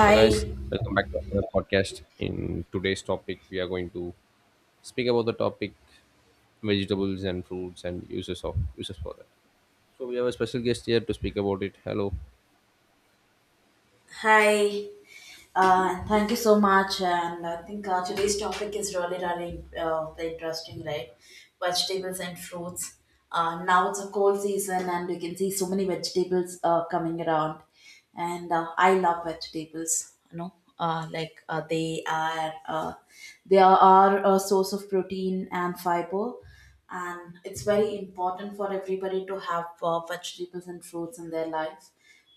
Hello, guys. Welcome back to another podcast. In today's topic, we are going to speak about the topic vegetables and fruits and uses for that. So we have a special guest here to speak about it. Hello. hi. Thank you so much. And I think today's topic is really, really interesting, right? Vegetables and fruits. Now it's a cold season, and we can see so many vegetables coming around. And I love vegetables. Like, they are a source of protein and fiber. And it's very important for everybody to have vegetables and fruits in their life,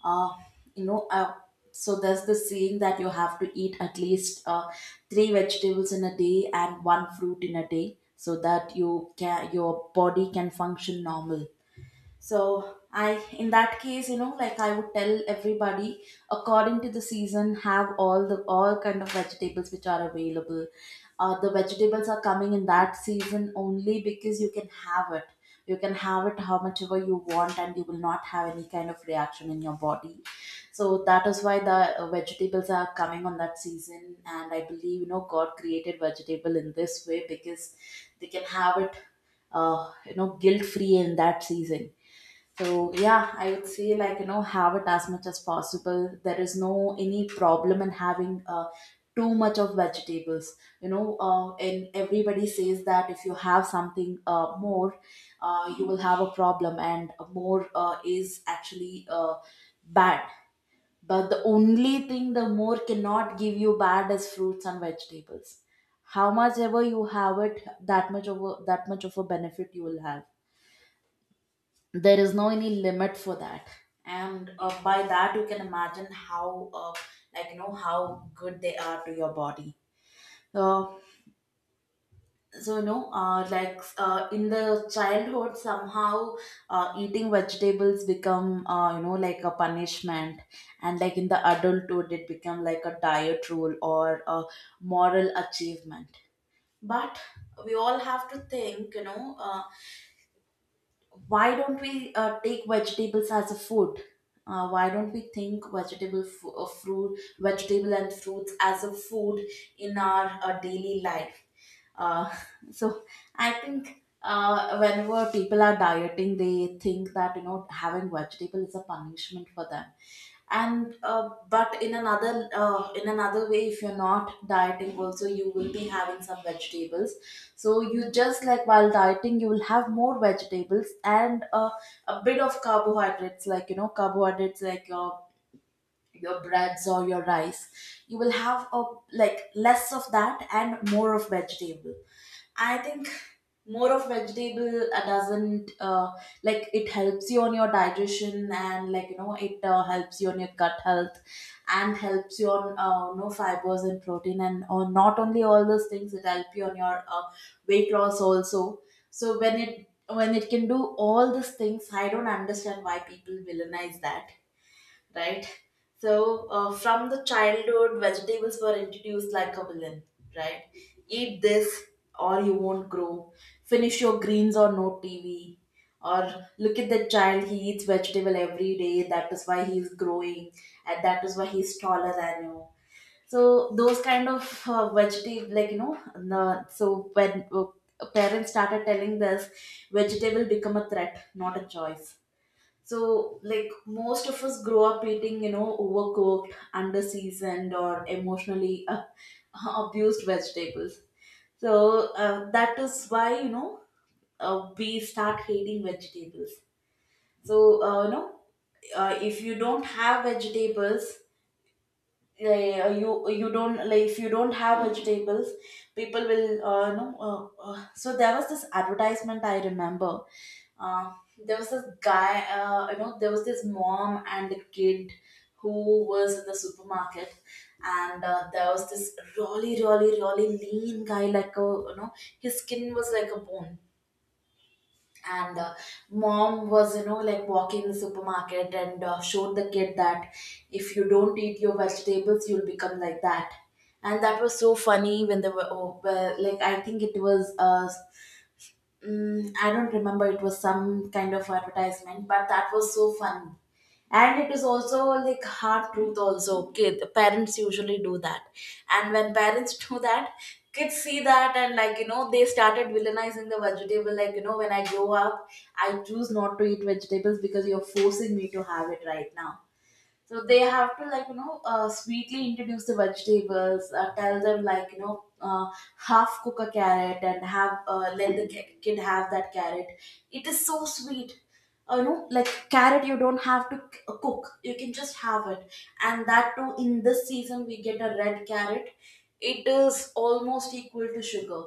uh, you know uh, so there's the saying that you have to eat at least three vegetables in a day and one fruit in a day, so that your body can function normal. So in that case, like, I would tell everybody, according to the season, have all kind of vegetables which are available. The vegetables are coming in that season only, because you can have it. You can have it how much ever you want, and you will not have any kind of reaction in your body. So that is why the vegetables are coming on that season, and I believe, God created vegetable in this way, because they can have it, guilt free, in that season. So yeah, I would say, have it as much as possible. There is no any problem in having too much of vegetables. And everybody says that if you have something more, you will have a problem, and more is actually bad. But the only thing the more cannot give you bad is fruits and vegetables. How much ever you have it, that much of a benefit you will have. There is no any limit for that. And by that, you can imagine how, how good they are to your body, uh, so, in the childhood somehow, eating vegetables become, like, a punishment, and like in the adulthood it become like a diet rule or a moral achievement. But we all have to think, why don't we take vegetables as a food? Why don't we think fruit, vegetable and fruits as a food in our daily life? Uh, so I think, whenever people are dieting, they think that, having vegetable is a punishment for them. And but in another way, if you're not dieting, also you will be having some vegetables. So you just, like, while dieting, you will have more vegetables and a bit of carbohydrates, like, carbohydrates like your breads or your rice. You will have a, like, less of that and more of vegetable. I think more of vegetable doesn't, like, it helps you on your digestion, and like, it helps you on your gut health, and helps you on, no, fibers and protein, and on not only all those things, it help you on your weight loss also. So when it, can do all these things, I don't understand why people villainize that, right? So, from the childhood, vegetables were introduced like a villain, right? Eat this or you won't grow. Finish your greens or no TV. Or look at that child, he eats vegetable every day. That is why he's growing, and that is why he's taller than you. So those kind of vegetable, like, so when parents started telling this, vegetable become a threat, not a choice. So, like, most of us grow up eating, overcooked, under seasoned, or emotionally abused vegetables. So, that is why, we start hating vegetables. So, if you don't have vegetables, you you don't, like, if you don't have vegetables, people will, so there was this advertisement I remember, uh, there was this guy, there was this mom and a kid, who was in the supermarket. And there was this really, really, really lean guy, like a, his skin was like a bone. And mom was, like, walking the supermarket and showed the kid that, if you don't eat your vegetables, you'll become like that. And that was so funny when they were, oh, well, like, I think it was, I don't remember. It was some kind of advertisement, but that was so fun. And it is also like hard truth also. Kid, parents usually do that. And when parents do that, kids see that, and, like, they started villainizing the vegetable. Like, when I grow up, I choose not to eat vegetables, because you're forcing me to have it right now. So they have to, like, sweetly introduce the vegetables. Tell them, like, half cook a carrot and have let the kid have that carrot. It is so sweet. Like, carrot, you don't have to cook. You can just have it. And that too, in this season, we get a red carrot. It is almost equal to sugar.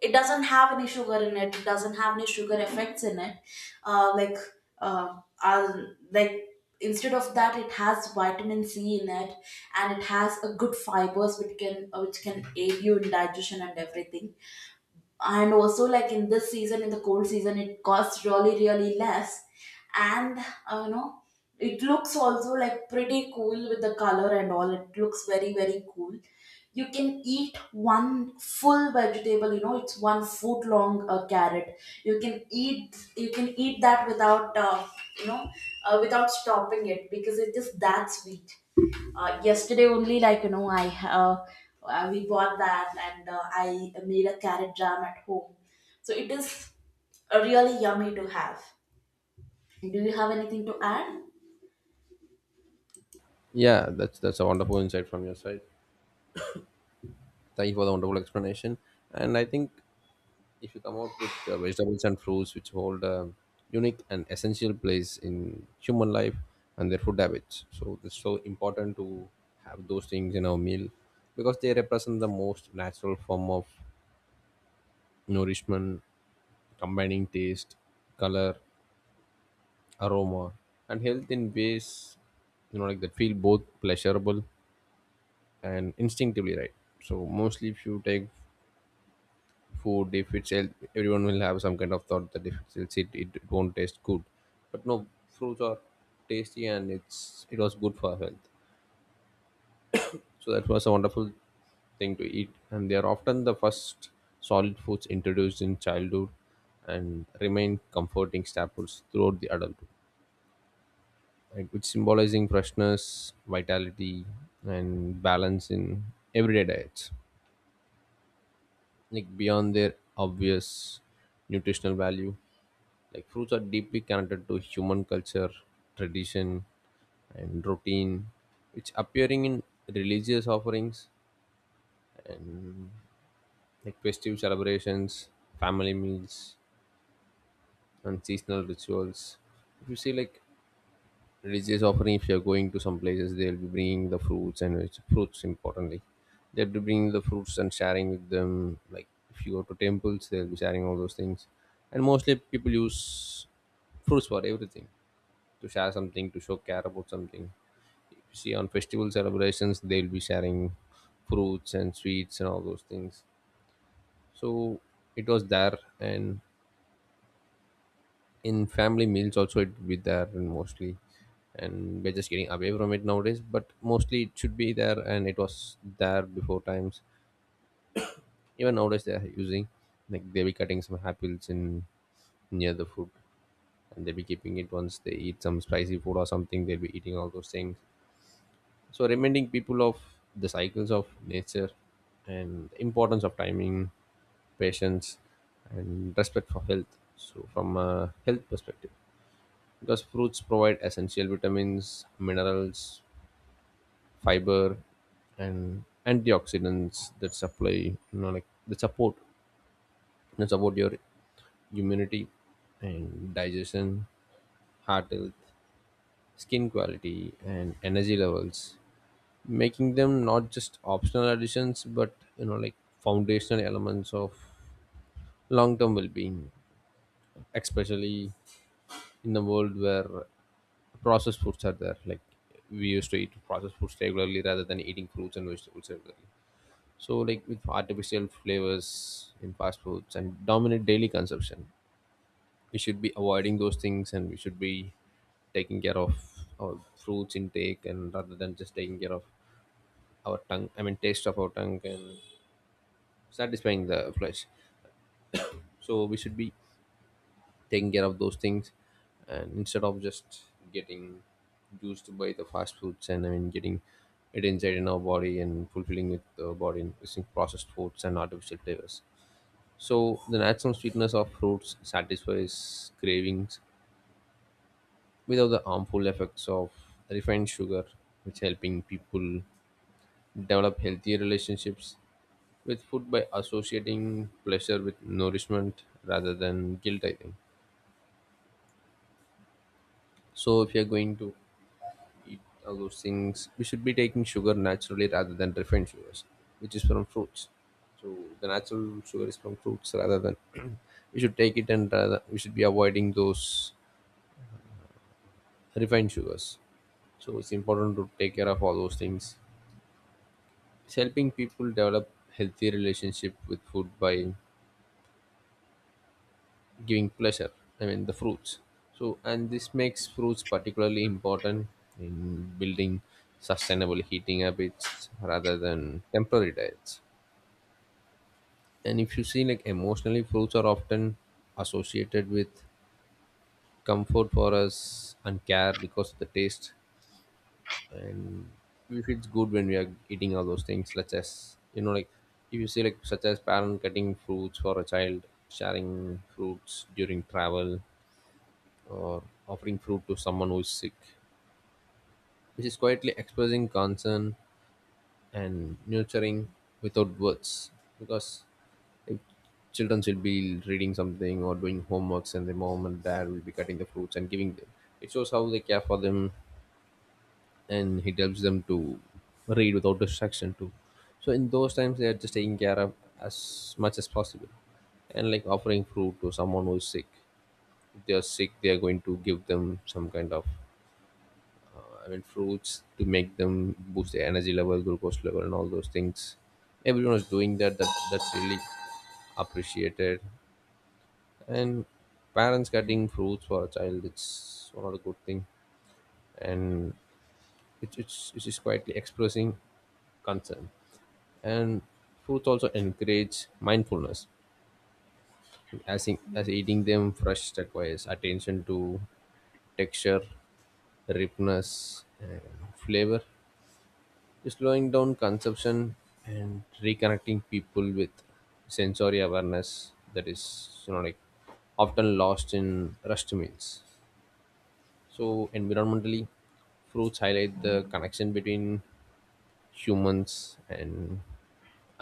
It doesn't have any sugar in it. It doesn't have any sugar effects in it. Like I'll, like Instead of that, it has vitamin C in it, and it has a good fibers which, can which can aid you in digestion and everything. And also, like, in this season, in the cold season, it costs really, really less. And uh, you know it looks also, like, pretty cool with the color and all. It looks very, very cool. You can eat one full vegetable. It's 1 foot long carrot. You can eat that without you know without stopping it, because it is that sweet. Yesterday only, like, I uh, we bought that, and I made a carrot jam at home. So it is really yummy to have. Do you have anything to add? Yeah, that's a wonderful insight from your side. Thank you for the wonderful explanation. And I think if you come out with vegetables and fruits which hold a unique and essential place in human life and their food habits, so it's so important to have those things in our meal because they represent the most natural form of nourishment, combining taste, color, aroma, and health in ways, like that feel both pleasurable and instinctively right. So mostly, if you take food, if it's health, everyone will have some kind of thought that if it's healthy, it won't taste good. But no, fruits are tasty and it's it was good for health. So that was a wonderful thing to eat, and they are often the first solid foods introduced in childhood and remain comforting staples throughout the adulthood, like which symbolizing freshness, vitality, and balance in everyday diets, like beyond their obvious nutritional value. Like, fruits are deeply connected to human culture, tradition, and routine, which appearing in religious offerings like festive celebrations, family meals, and seasonal rituals. If you see like religious offering, if you're going to some places, they'll be bringing the fruits and fruits importantly. They'll be bringing the fruits and sharing with them. Like, if you go to temples, they'll be sharing all those things. And mostly people use fruits for everything, to share something, to show care about something. You see, on festival celebrations, they'll be sharing fruits and sweets and all those things. So it was there, and in family meals also it will be there. And mostly, and we're just getting away from it nowadays, but mostly it should be there, and it was there before times. Even nowadays they're using, like they'll be cutting some apples in near the food, and they'll be keeping it. Once they eat some spicy food or something, they'll be eating all those things. So reminding people of the cycles of nature and importance of timing, patience, and respect for health. So from a health perspective, because fruits provide essential vitamins, minerals, fiber, and antioxidants that supply, like that support your immunity and digestion, heart health, skin quality, and energy levels, making them not just optional additions, but like foundational elements of long-term well-being, especially in the world where processed foods are there. Like, we used to eat processed foods regularly rather than eating fruits and vegetables regularly. So like, with artificial flavors in fast foods and dominant daily consumption, we should be avoiding those things, and we should be taking care of our fruits intake, and rather than just taking care of our tongue, I mean taste of our tongue and satisfying the flesh. So we should be taking care of those things, and instead of just getting used by the fast foods, and I mean getting it inside in our body and fulfilling with the body in using processed foods and artificial flavors. So the natural sweetness of fruits satisfies cravings without the harmful effects of refined sugar, which helping people develop healthier relationships with food by associating pleasure with nourishment rather than guilt, I think. So if you're going to eat all those things, we should be taking sugar naturally rather than refined sugars, which is from fruits. So the natural sugar is from fruits. Rather than we should take it, and rather we should be avoiding those refined sugars. So it's important to take care of all those things. It's helping people develop healthy relationship with food by giving pleasure, I mean the fruits. So, and this makes fruits particularly important in building sustainable heating habits rather than temporary diets. And if you see like emotionally, fruits are often associated with comfort for us and care because of the taste. And we feel it's good when we are eating all those things, such as like, if you see like such as parent cutting fruits for a child, sharing fruits during travel, or offering fruit to someone who is sick, which is quietly expressing concern and nurturing without words. Because if children will be reading something or doing homeworks, and the mom and dad will be cutting the fruits and giving them, it shows how they care for them, and it helps them to read without distraction too. So in those times, they are just taking care of as much as possible, and like offering fruit to someone who is sick. If they are sick, they are going to give them some kind of, I mean, fruits to make them boost their energy level, glucose level, and all those things. Everyone is doing that. That that's really appreciated. And parents Yeah. cutting fruits for a child, it's one of the good thing, and it's just quietly expressing concern. And fruits also encourage mindfulness, as in, as eating them fresh requires attention to texture, ripeness, and flavor, slowing down consumption and reconnecting people with sensory awareness that is like often lost in rushed meals. So environmentally, fruits highlight the connection between humans and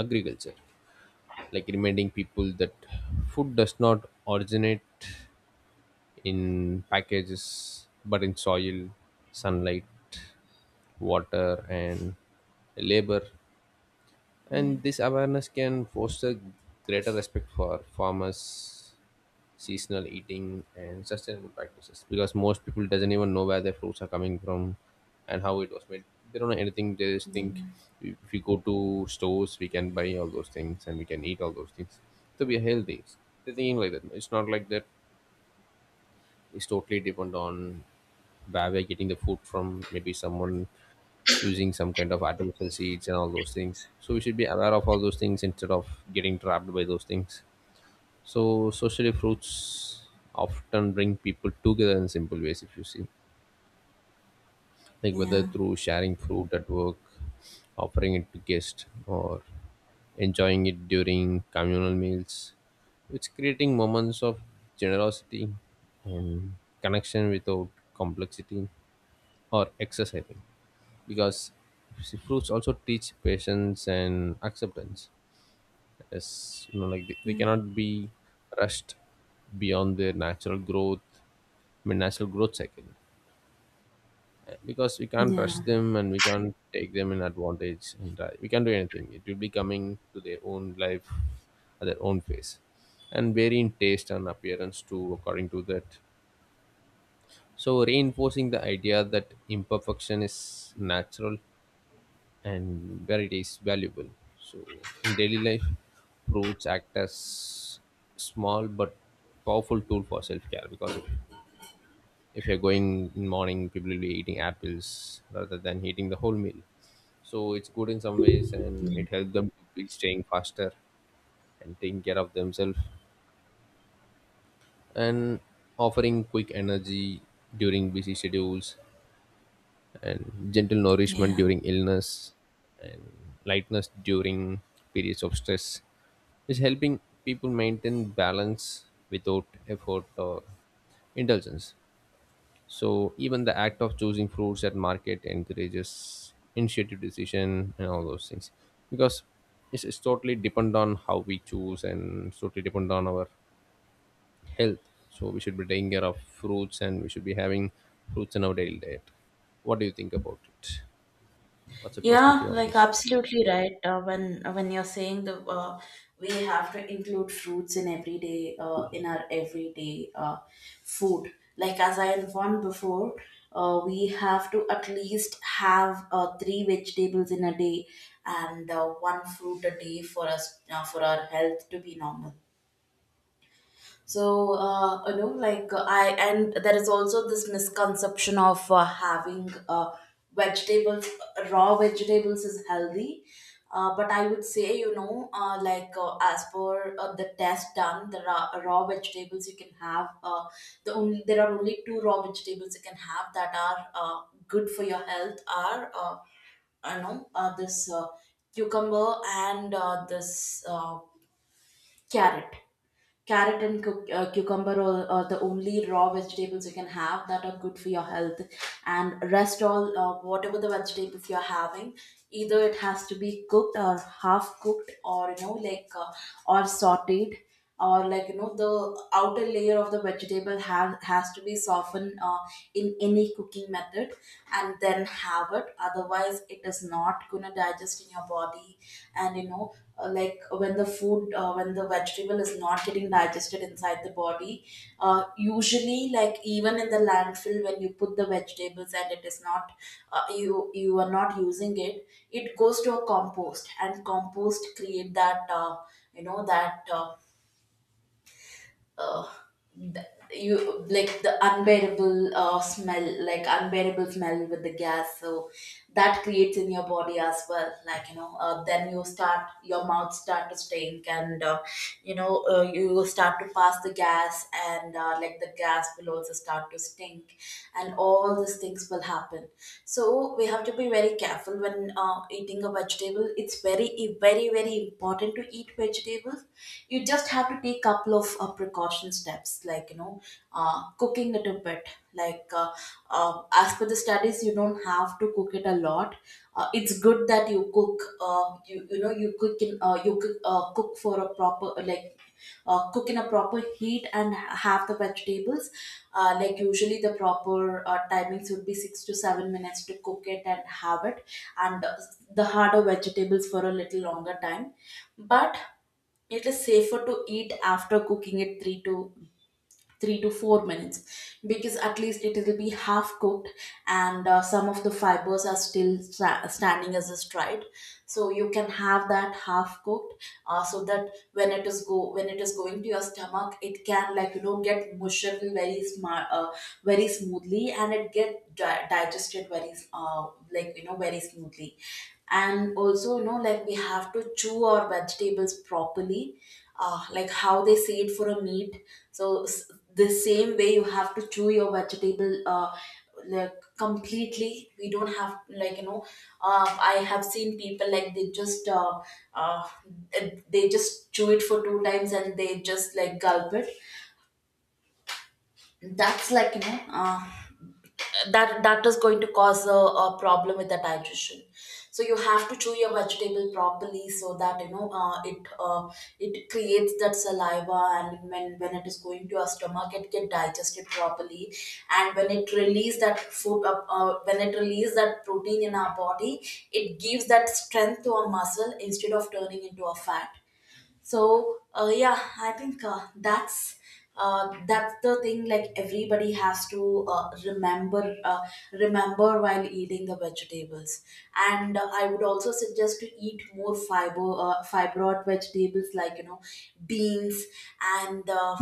agriculture, like reminding people that food does not originate in packages, but in soil, sunlight, water, and labor. And this awareness can foster greater respect for farmers, seasonal eating, and sustainable practices, because most people doesn't even know where their fruits are coming from and how it was made. They don't know anything. They just think Yeah. if we go to stores, we can buy all those things and we can eat all those things, so we are healthy. They're thinking like that. It's not like that. It's totally depend on where we're getting the food from. Maybe someone using some kind of artificial seeds and all those things. So we should be aware of all those things instead of getting trapped by those things. So socially, fruits often bring people together in simple ways, if you see. Like whether Yeah. through sharing fruit at work, offering it to guests, or enjoying it during communal meals. It's creating moments of generosity and connection without complexity or excess, I think. Because see, fruits also teach patience and acceptance. As, like, they cannot be rushed beyond their natural growth, I mean, natural growth cycle. Because we can't rush Yeah. them and we can't take them in advantage, and we can't do anything. It will be coming to their own life at their own pace, and vary in taste and appearance too, according to that. So, reinforcing the idea that imperfection is natural and where it is valuable. So, in daily life, fruits act as small but powerful tool for self-care. Because if you're going in morning, people will be eating apples rather than eating the whole meal. So it's good in some ways, and it helps them to be staying faster and taking care of themselves, and offering quick energy during busy schedules, and gentle nourishment Yeah. during illness, and lightness during periods of stress, is helping people maintain balance without effort or indulgence. So even the act of choosing fruits at market encourages initiative, decision, and all those things. Because it's totally depend on how we choose, and it's totally depend on our health. So we should be taking care of fruits, and we should be having fruits in our daily diet. What do you think about it? What's your Yeah, perspective on like, this? absolutely right. When you're saying the, we have to include fruits in everyday, in our everyday food. Like, as I informed before, we have to at least have three vegetables in a day, and one fruit a day, for our health to be normal. So, and there is also this misconception of having, vegetables, raw vegetables is healthy. But I would say, as per the test done, the raw, vegetables you can have, there are only two raw vegetables you can have that are good for your health, are, this cucumber and this carrot. Carrot and cucumber are the only raw vegetables you can have that are good for your health. And rest all, whatever the vegetables you're having, either it has to be cooked or half cooked, or sauteed, or, like, the outer layer of the vegetable has to be softened, in any cooking method, and then have it, otherwise it is not going to digest in your body. And like, when the food when the vegetable is not getting digested inside the body, uh, usually, like, even in the landfill, when you put the vegetables and it is not, you are not using it it goes to a compost, and compost create that, that, uh, th- you, like, the unbearable, smell, like unbearable smell with the gas, so that creates in your body as well. Like, then your mouth start to stink, and you will start to pass the gas, and like, the gas will also start to stink, and all these things will happen. So we have to be very careful when eating a vegetable. It's very, very, very important to eat vegetables. You just have to take couple of precaution steps, like, cooking it a bit, like, uh, as per the studies, you don't have to cook it a lot. It's good that you cook, you, you know you cook in, you cook, cook for a proper, like, cook in a proper heat, and have the vegetables. Like, usually the proper timings would be 6 to 7 minutes to cook it and have it. And the harder vegetables for a little longer Time. But it is safer to eat after cooking it 3 to 4 minutes, because at least it will be half cooked, and some of the fibers are still standing as a stride, so you can have that half cooked, so that when it is going to your stomach, it can, like, get mushed very smart very smoothly, and it get digested very like, very smoothly. And also, you know, like, we have to chew our vegetables properly, like how they see it for a meat. So the same way you have to chew your vegetable, like, completely. We don't have, like, you know. I have seen people, like, uh, they just chew it for two times and they just like gulp it. That's like, you know, that is going to cause a problem with the digestion. So you have to chew your vegetable properly, so that, you know, it it creates that saliva, and when it is going to your stomach, it get digested properly. And when it release that food up when it release that protein in our body, it gives that strength to our muscle instead of turning into a fat. So yeah, I think that's the thing, like, everybody has to remember, remember while eating the vegetables. And I would also suggest to eat more fiber, fibroid vegetables, like, you know, beans. And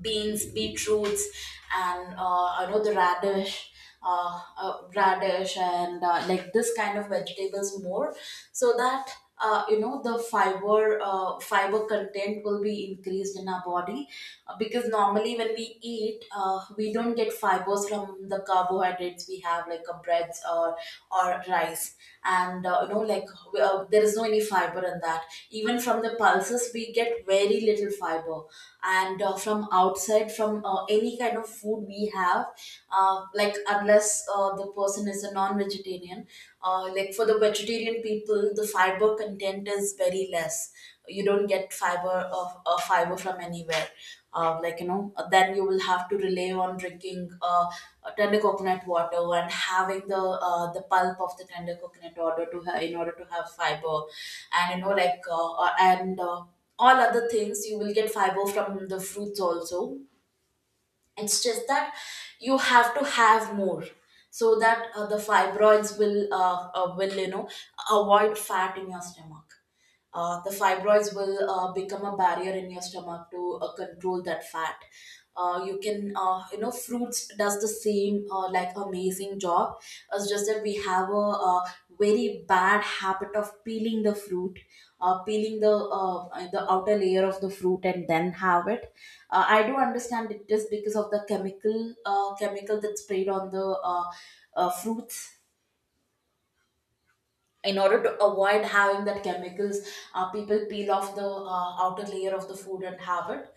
beans, beetroots, and I know, the radish, radish, and like this kind of vegetables more, so that you know, the fiber, fiber content will be increased in our body. Because normally when we eat, we don't get fibers from the carbohydrates we have like a breads or rice. And you know, like, there is no any fiber in that. Even from the pulses we get very little fiber. And from outside, from any kind of food we have, like, unless the person is a non-vegetarian. Like, for the vegetarian people, the fiber content is very less. You don't get fiber of, fiber from anywhere. Like, you know, then you will have to rely on drinking tender coconut water, and having the pulp of the tender coconut water to in order to have fiber. And you know, like, and all other things, you will get fiber from the fruits also. It's just that you have to have more, so that the fibroids will will, you know, avoid fat in your stomach. The fibroids will become a barrier in your stomach to control that fat. You can, you know, fruits does the same, like, amazing job. It's just that we have a very bad habit of peeling the fruit, peeling the outer layer of the fruit and then have it. I do understand it is because of the chemical, chemical that's sprayed on the fruits. In order to avoid having that chemicals, people peel off the outer layer of the food and have it.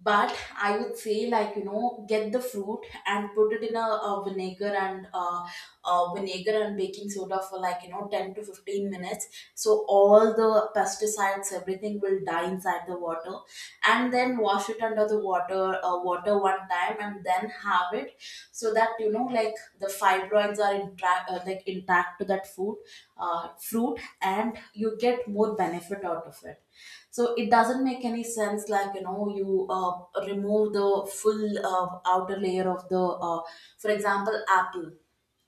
But I would say, like, you know, get the fruit and put it in a vinegar and vinegar and baking soda for, like, you know, 10 to 15 minutes, so all the pesticides, everything will die inside the water. And then wash it under the water, water one time, and then have it, so that, you know, like, the fibroids are intact, like, intact to that food, fruit, and you get more benefit out of it. So it doesn't make any sense, like, you know, you remove the full outer layer of the uh, for example, apple,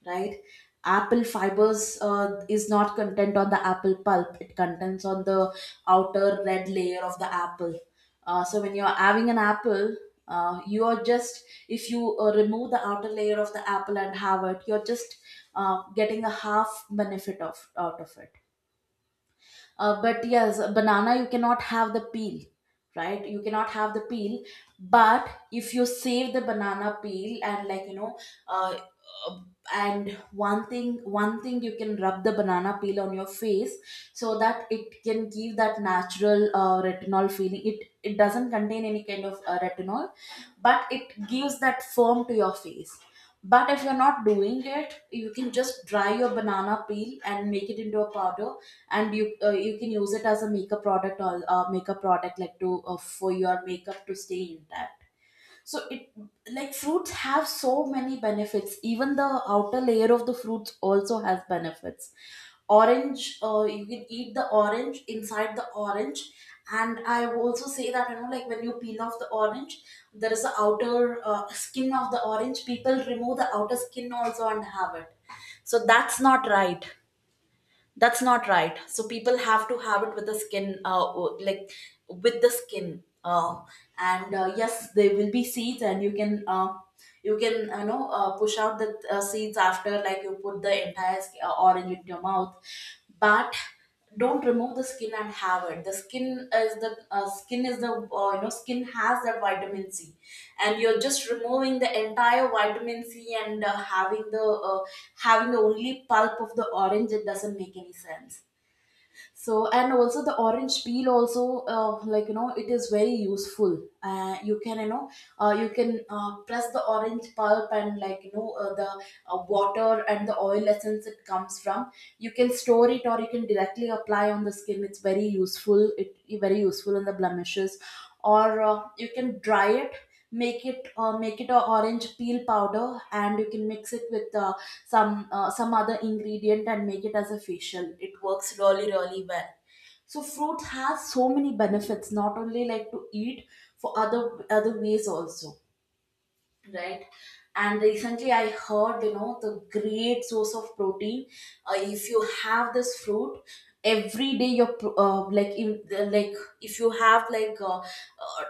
right? Apple fibers is not content on the apple pulp, it contents on the outer red layer of the apple. So when you're having an apple, you are just, if you remove the outer layer of the apple and have it, you're just getting a half benefit of out of it. But yes, a banana, you cannot have the peel, right? You cannot have the peel. But if you save the banana peel, and like, you know, uh, uh, and one thing, one thing, you can rub the banana peel on your face, so that it can give that natural, retinol feeling. It doesn't contain any kind of retinol, but it gives that firm to your face. But if you're not doing it, you can just dry your banana peel and make it into a powder, and you can use it as a makeup product, or makeup product, like, to, for your makeup to stay intact. So it, like, fruits have so many benefits. Even the outer layer of the fruits also has benefits. Orange, you can eat the orange inside the orange. And I will also say that, you know, like, when you peel off the orange, there is the outer, skin of the orange. People remove the outer skin also and have it. So that's not right, that's not right. So people have to have it with the skin, like, with the skin, and yes, there will be seeds, and you can, you can, you know, push out the seeds after, like, you put the entire orange in your mouth. But don't remove the skin and have it. The skin is the, skin is the, you know, skin has that vitamin C, and you're just removing the entire vitamin C and uh, having the only pulp of the orange. It doesn't make any sense. So, and also the orange peel also, like, you know, it is very useful. You can, you know, you can press the orange pulp, and like, you know, the water and the oil essence it comes from, you can store it, or you can directly apply on the skin. It's very useful, it very useful in the blemishes. Or you can dry it, make it a orange peel powder, and you can mix it with some other ingredient and make it as a facial. It works really really well. So fruit has so many benefits, not only like to eat, for other ways also, right? And recently I heard, you know, the great source of protein. If you have this fruit every day, your like, in, like, if you have, like, uh, uh,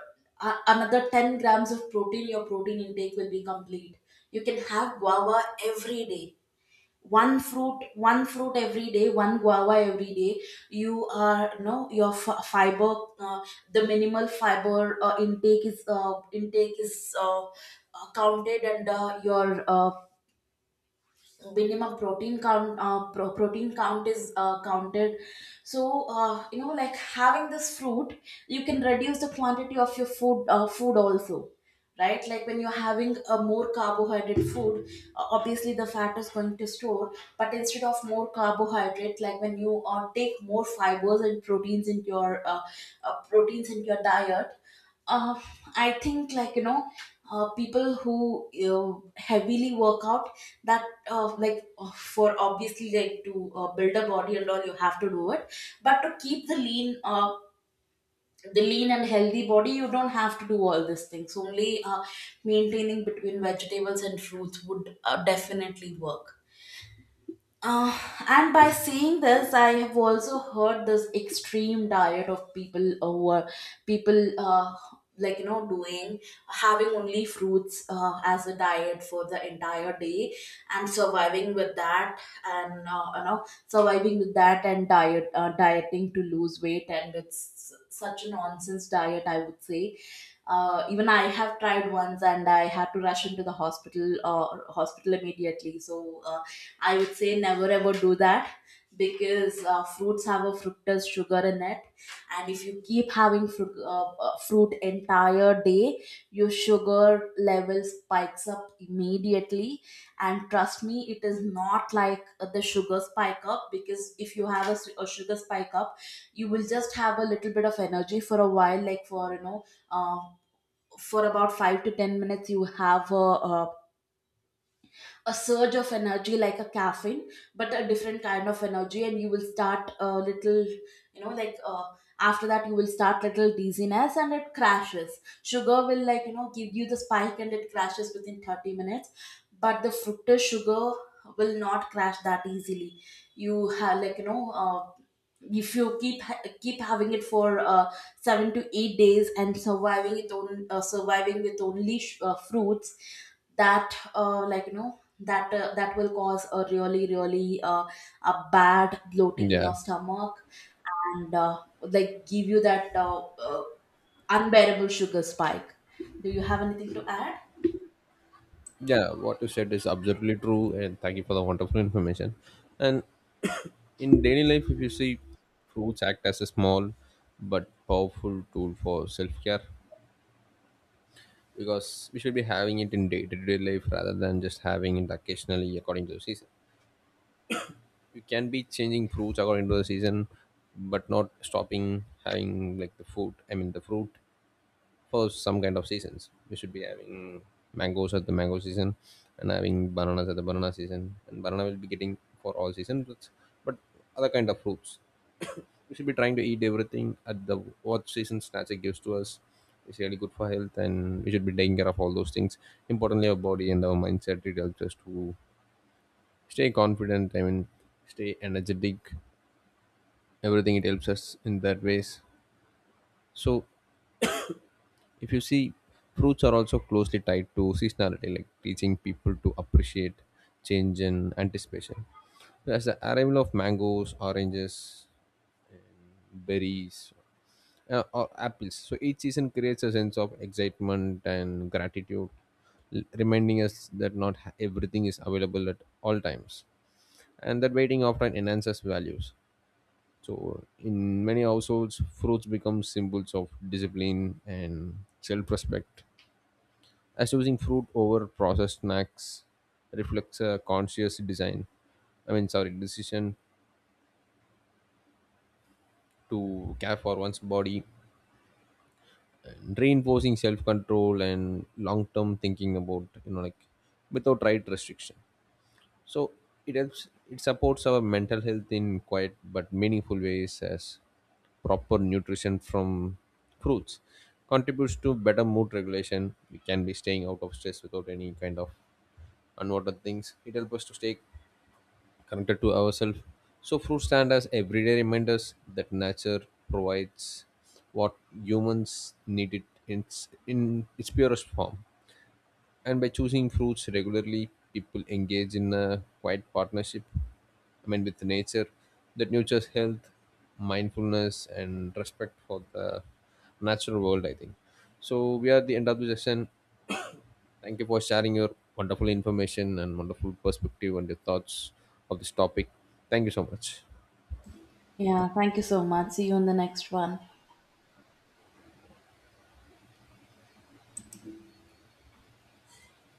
a- another 10 grams of protein, your protein intake will be complete. You can have guava every day. One fruit, one fruit every day, one guava every day, you are no, your fiber, the minimal fiber intake is, intake is, counted, and your minimum protein count, protein count is counted. So you know, like, having this fruit, you can reduce the quantity of your food, food also, right? Like, when you're having a more carbohydrate food, obviously the fat is going to store. But instead of more carbohydrate, like, when you take more fibers and proteins into your, proteins into your diet, uh, I think, like, you know, people who, you know, heavily work out, that like, for, obviously, like, to build a body and all, you have to do it. But to keep the lean, the lean and healthy body, you don't have to do all these things. Only maintaining between vegetables and fruits would definitely work. Uh, and by saying this, I have also heard this extreme diet of people, like, you know, doing, having only fruits, as a diet for the entire day, and surviving with that. And you know, surviving with that, and diet, dieting to lose weight, and it's such a nonsense diet, I would say. Even I have tried once, and I had to rush into the hospital, hospital immediately. So I would say, never ever do that. Because fruits have a fructose sugar in it. And if you keep having fruit, fruit entire day, your sugar level spikes up immediately. And trust me, it is not like the sugar spike up. Because if you have a sugar spike up, you will just have a little bit of energy for a while, like, for, you know, uh, for about 5 to 10 minutes, you have a surge of energy, like a caffeine, but a different kind of energy. And you will start a little, you know, like, after that, you will start little dizziness, and it crashes. Sugar will, like, you know, give you the spike, and it crashes within 30 minutes. But the fructose sugar will not crash that easily. You have, like, you know, if you keep keep having it for 7 to 8 days, and surviving it on, surviving with only fruits, that like, you know, that that will cause a really really, a bad bloating in Yeah, your stomach. And like, give you that unbearable sugar spike. Do you have anything to add? yeah. What you said is absolutely true, and thank you for the wonderful information. And in daily life, if you see, fruits act as a small but powerful tool for self care, because we should be having it in day to day life rather than just having it occasionally according to the season. You can be changing fruits according to the season, but not stopping having like the food. I mean, the fruit for some kind of seasons. We should be having mangoes at the mango season and having bananas at the banana season. And banana will be getting for all seasons, but other kind of fruits. We should be trying to eat everything at the what seasons nature gives to us. It's really good for health, and we should be taking care of all those things. Importantly, our body and our mindset, it helps us to stay confident. I mean, stay energetic. Everything it helps us in that ways. So if you see, fruits are also closely tied to seasonality, like teaching people to appreciate change and anticipation as the arrival of mangoes, oranges, berries, or apples. So each season creates a sense of excitement and gratitude, reminding us that not ha- everything is available at all times, and that waiting often enhances values. So in many households, fruits become symbols of discipline and self-respect, as choosing fruit over processed snacks reflects a conscious design. I mean, sorry, decision to care for one's body, and reinforcing self-control and long-term thinking about like, without right restriction. So it helps. It supports our mental health in quiet but meaningful ways, as proper nutrition from fruits contributes to better mood regulation. We can be staying out of stress without any kind of unwanted things. It helps us to stay connected to ourselves. So fruits stand as everyday reminders that nature provides what humans need it in its purest form. And by choosing fruits regularly, people engage in a quiet partnership. I mean, with nature that nurtures health, mindfulness, and respect for the natural world. I think so. We are at the end of the session. Thank you for sharing your wonderful information and wonderful perspective and your thoughts of this topic. Thank you so much. Yeah, thank you so much. See you in the next one.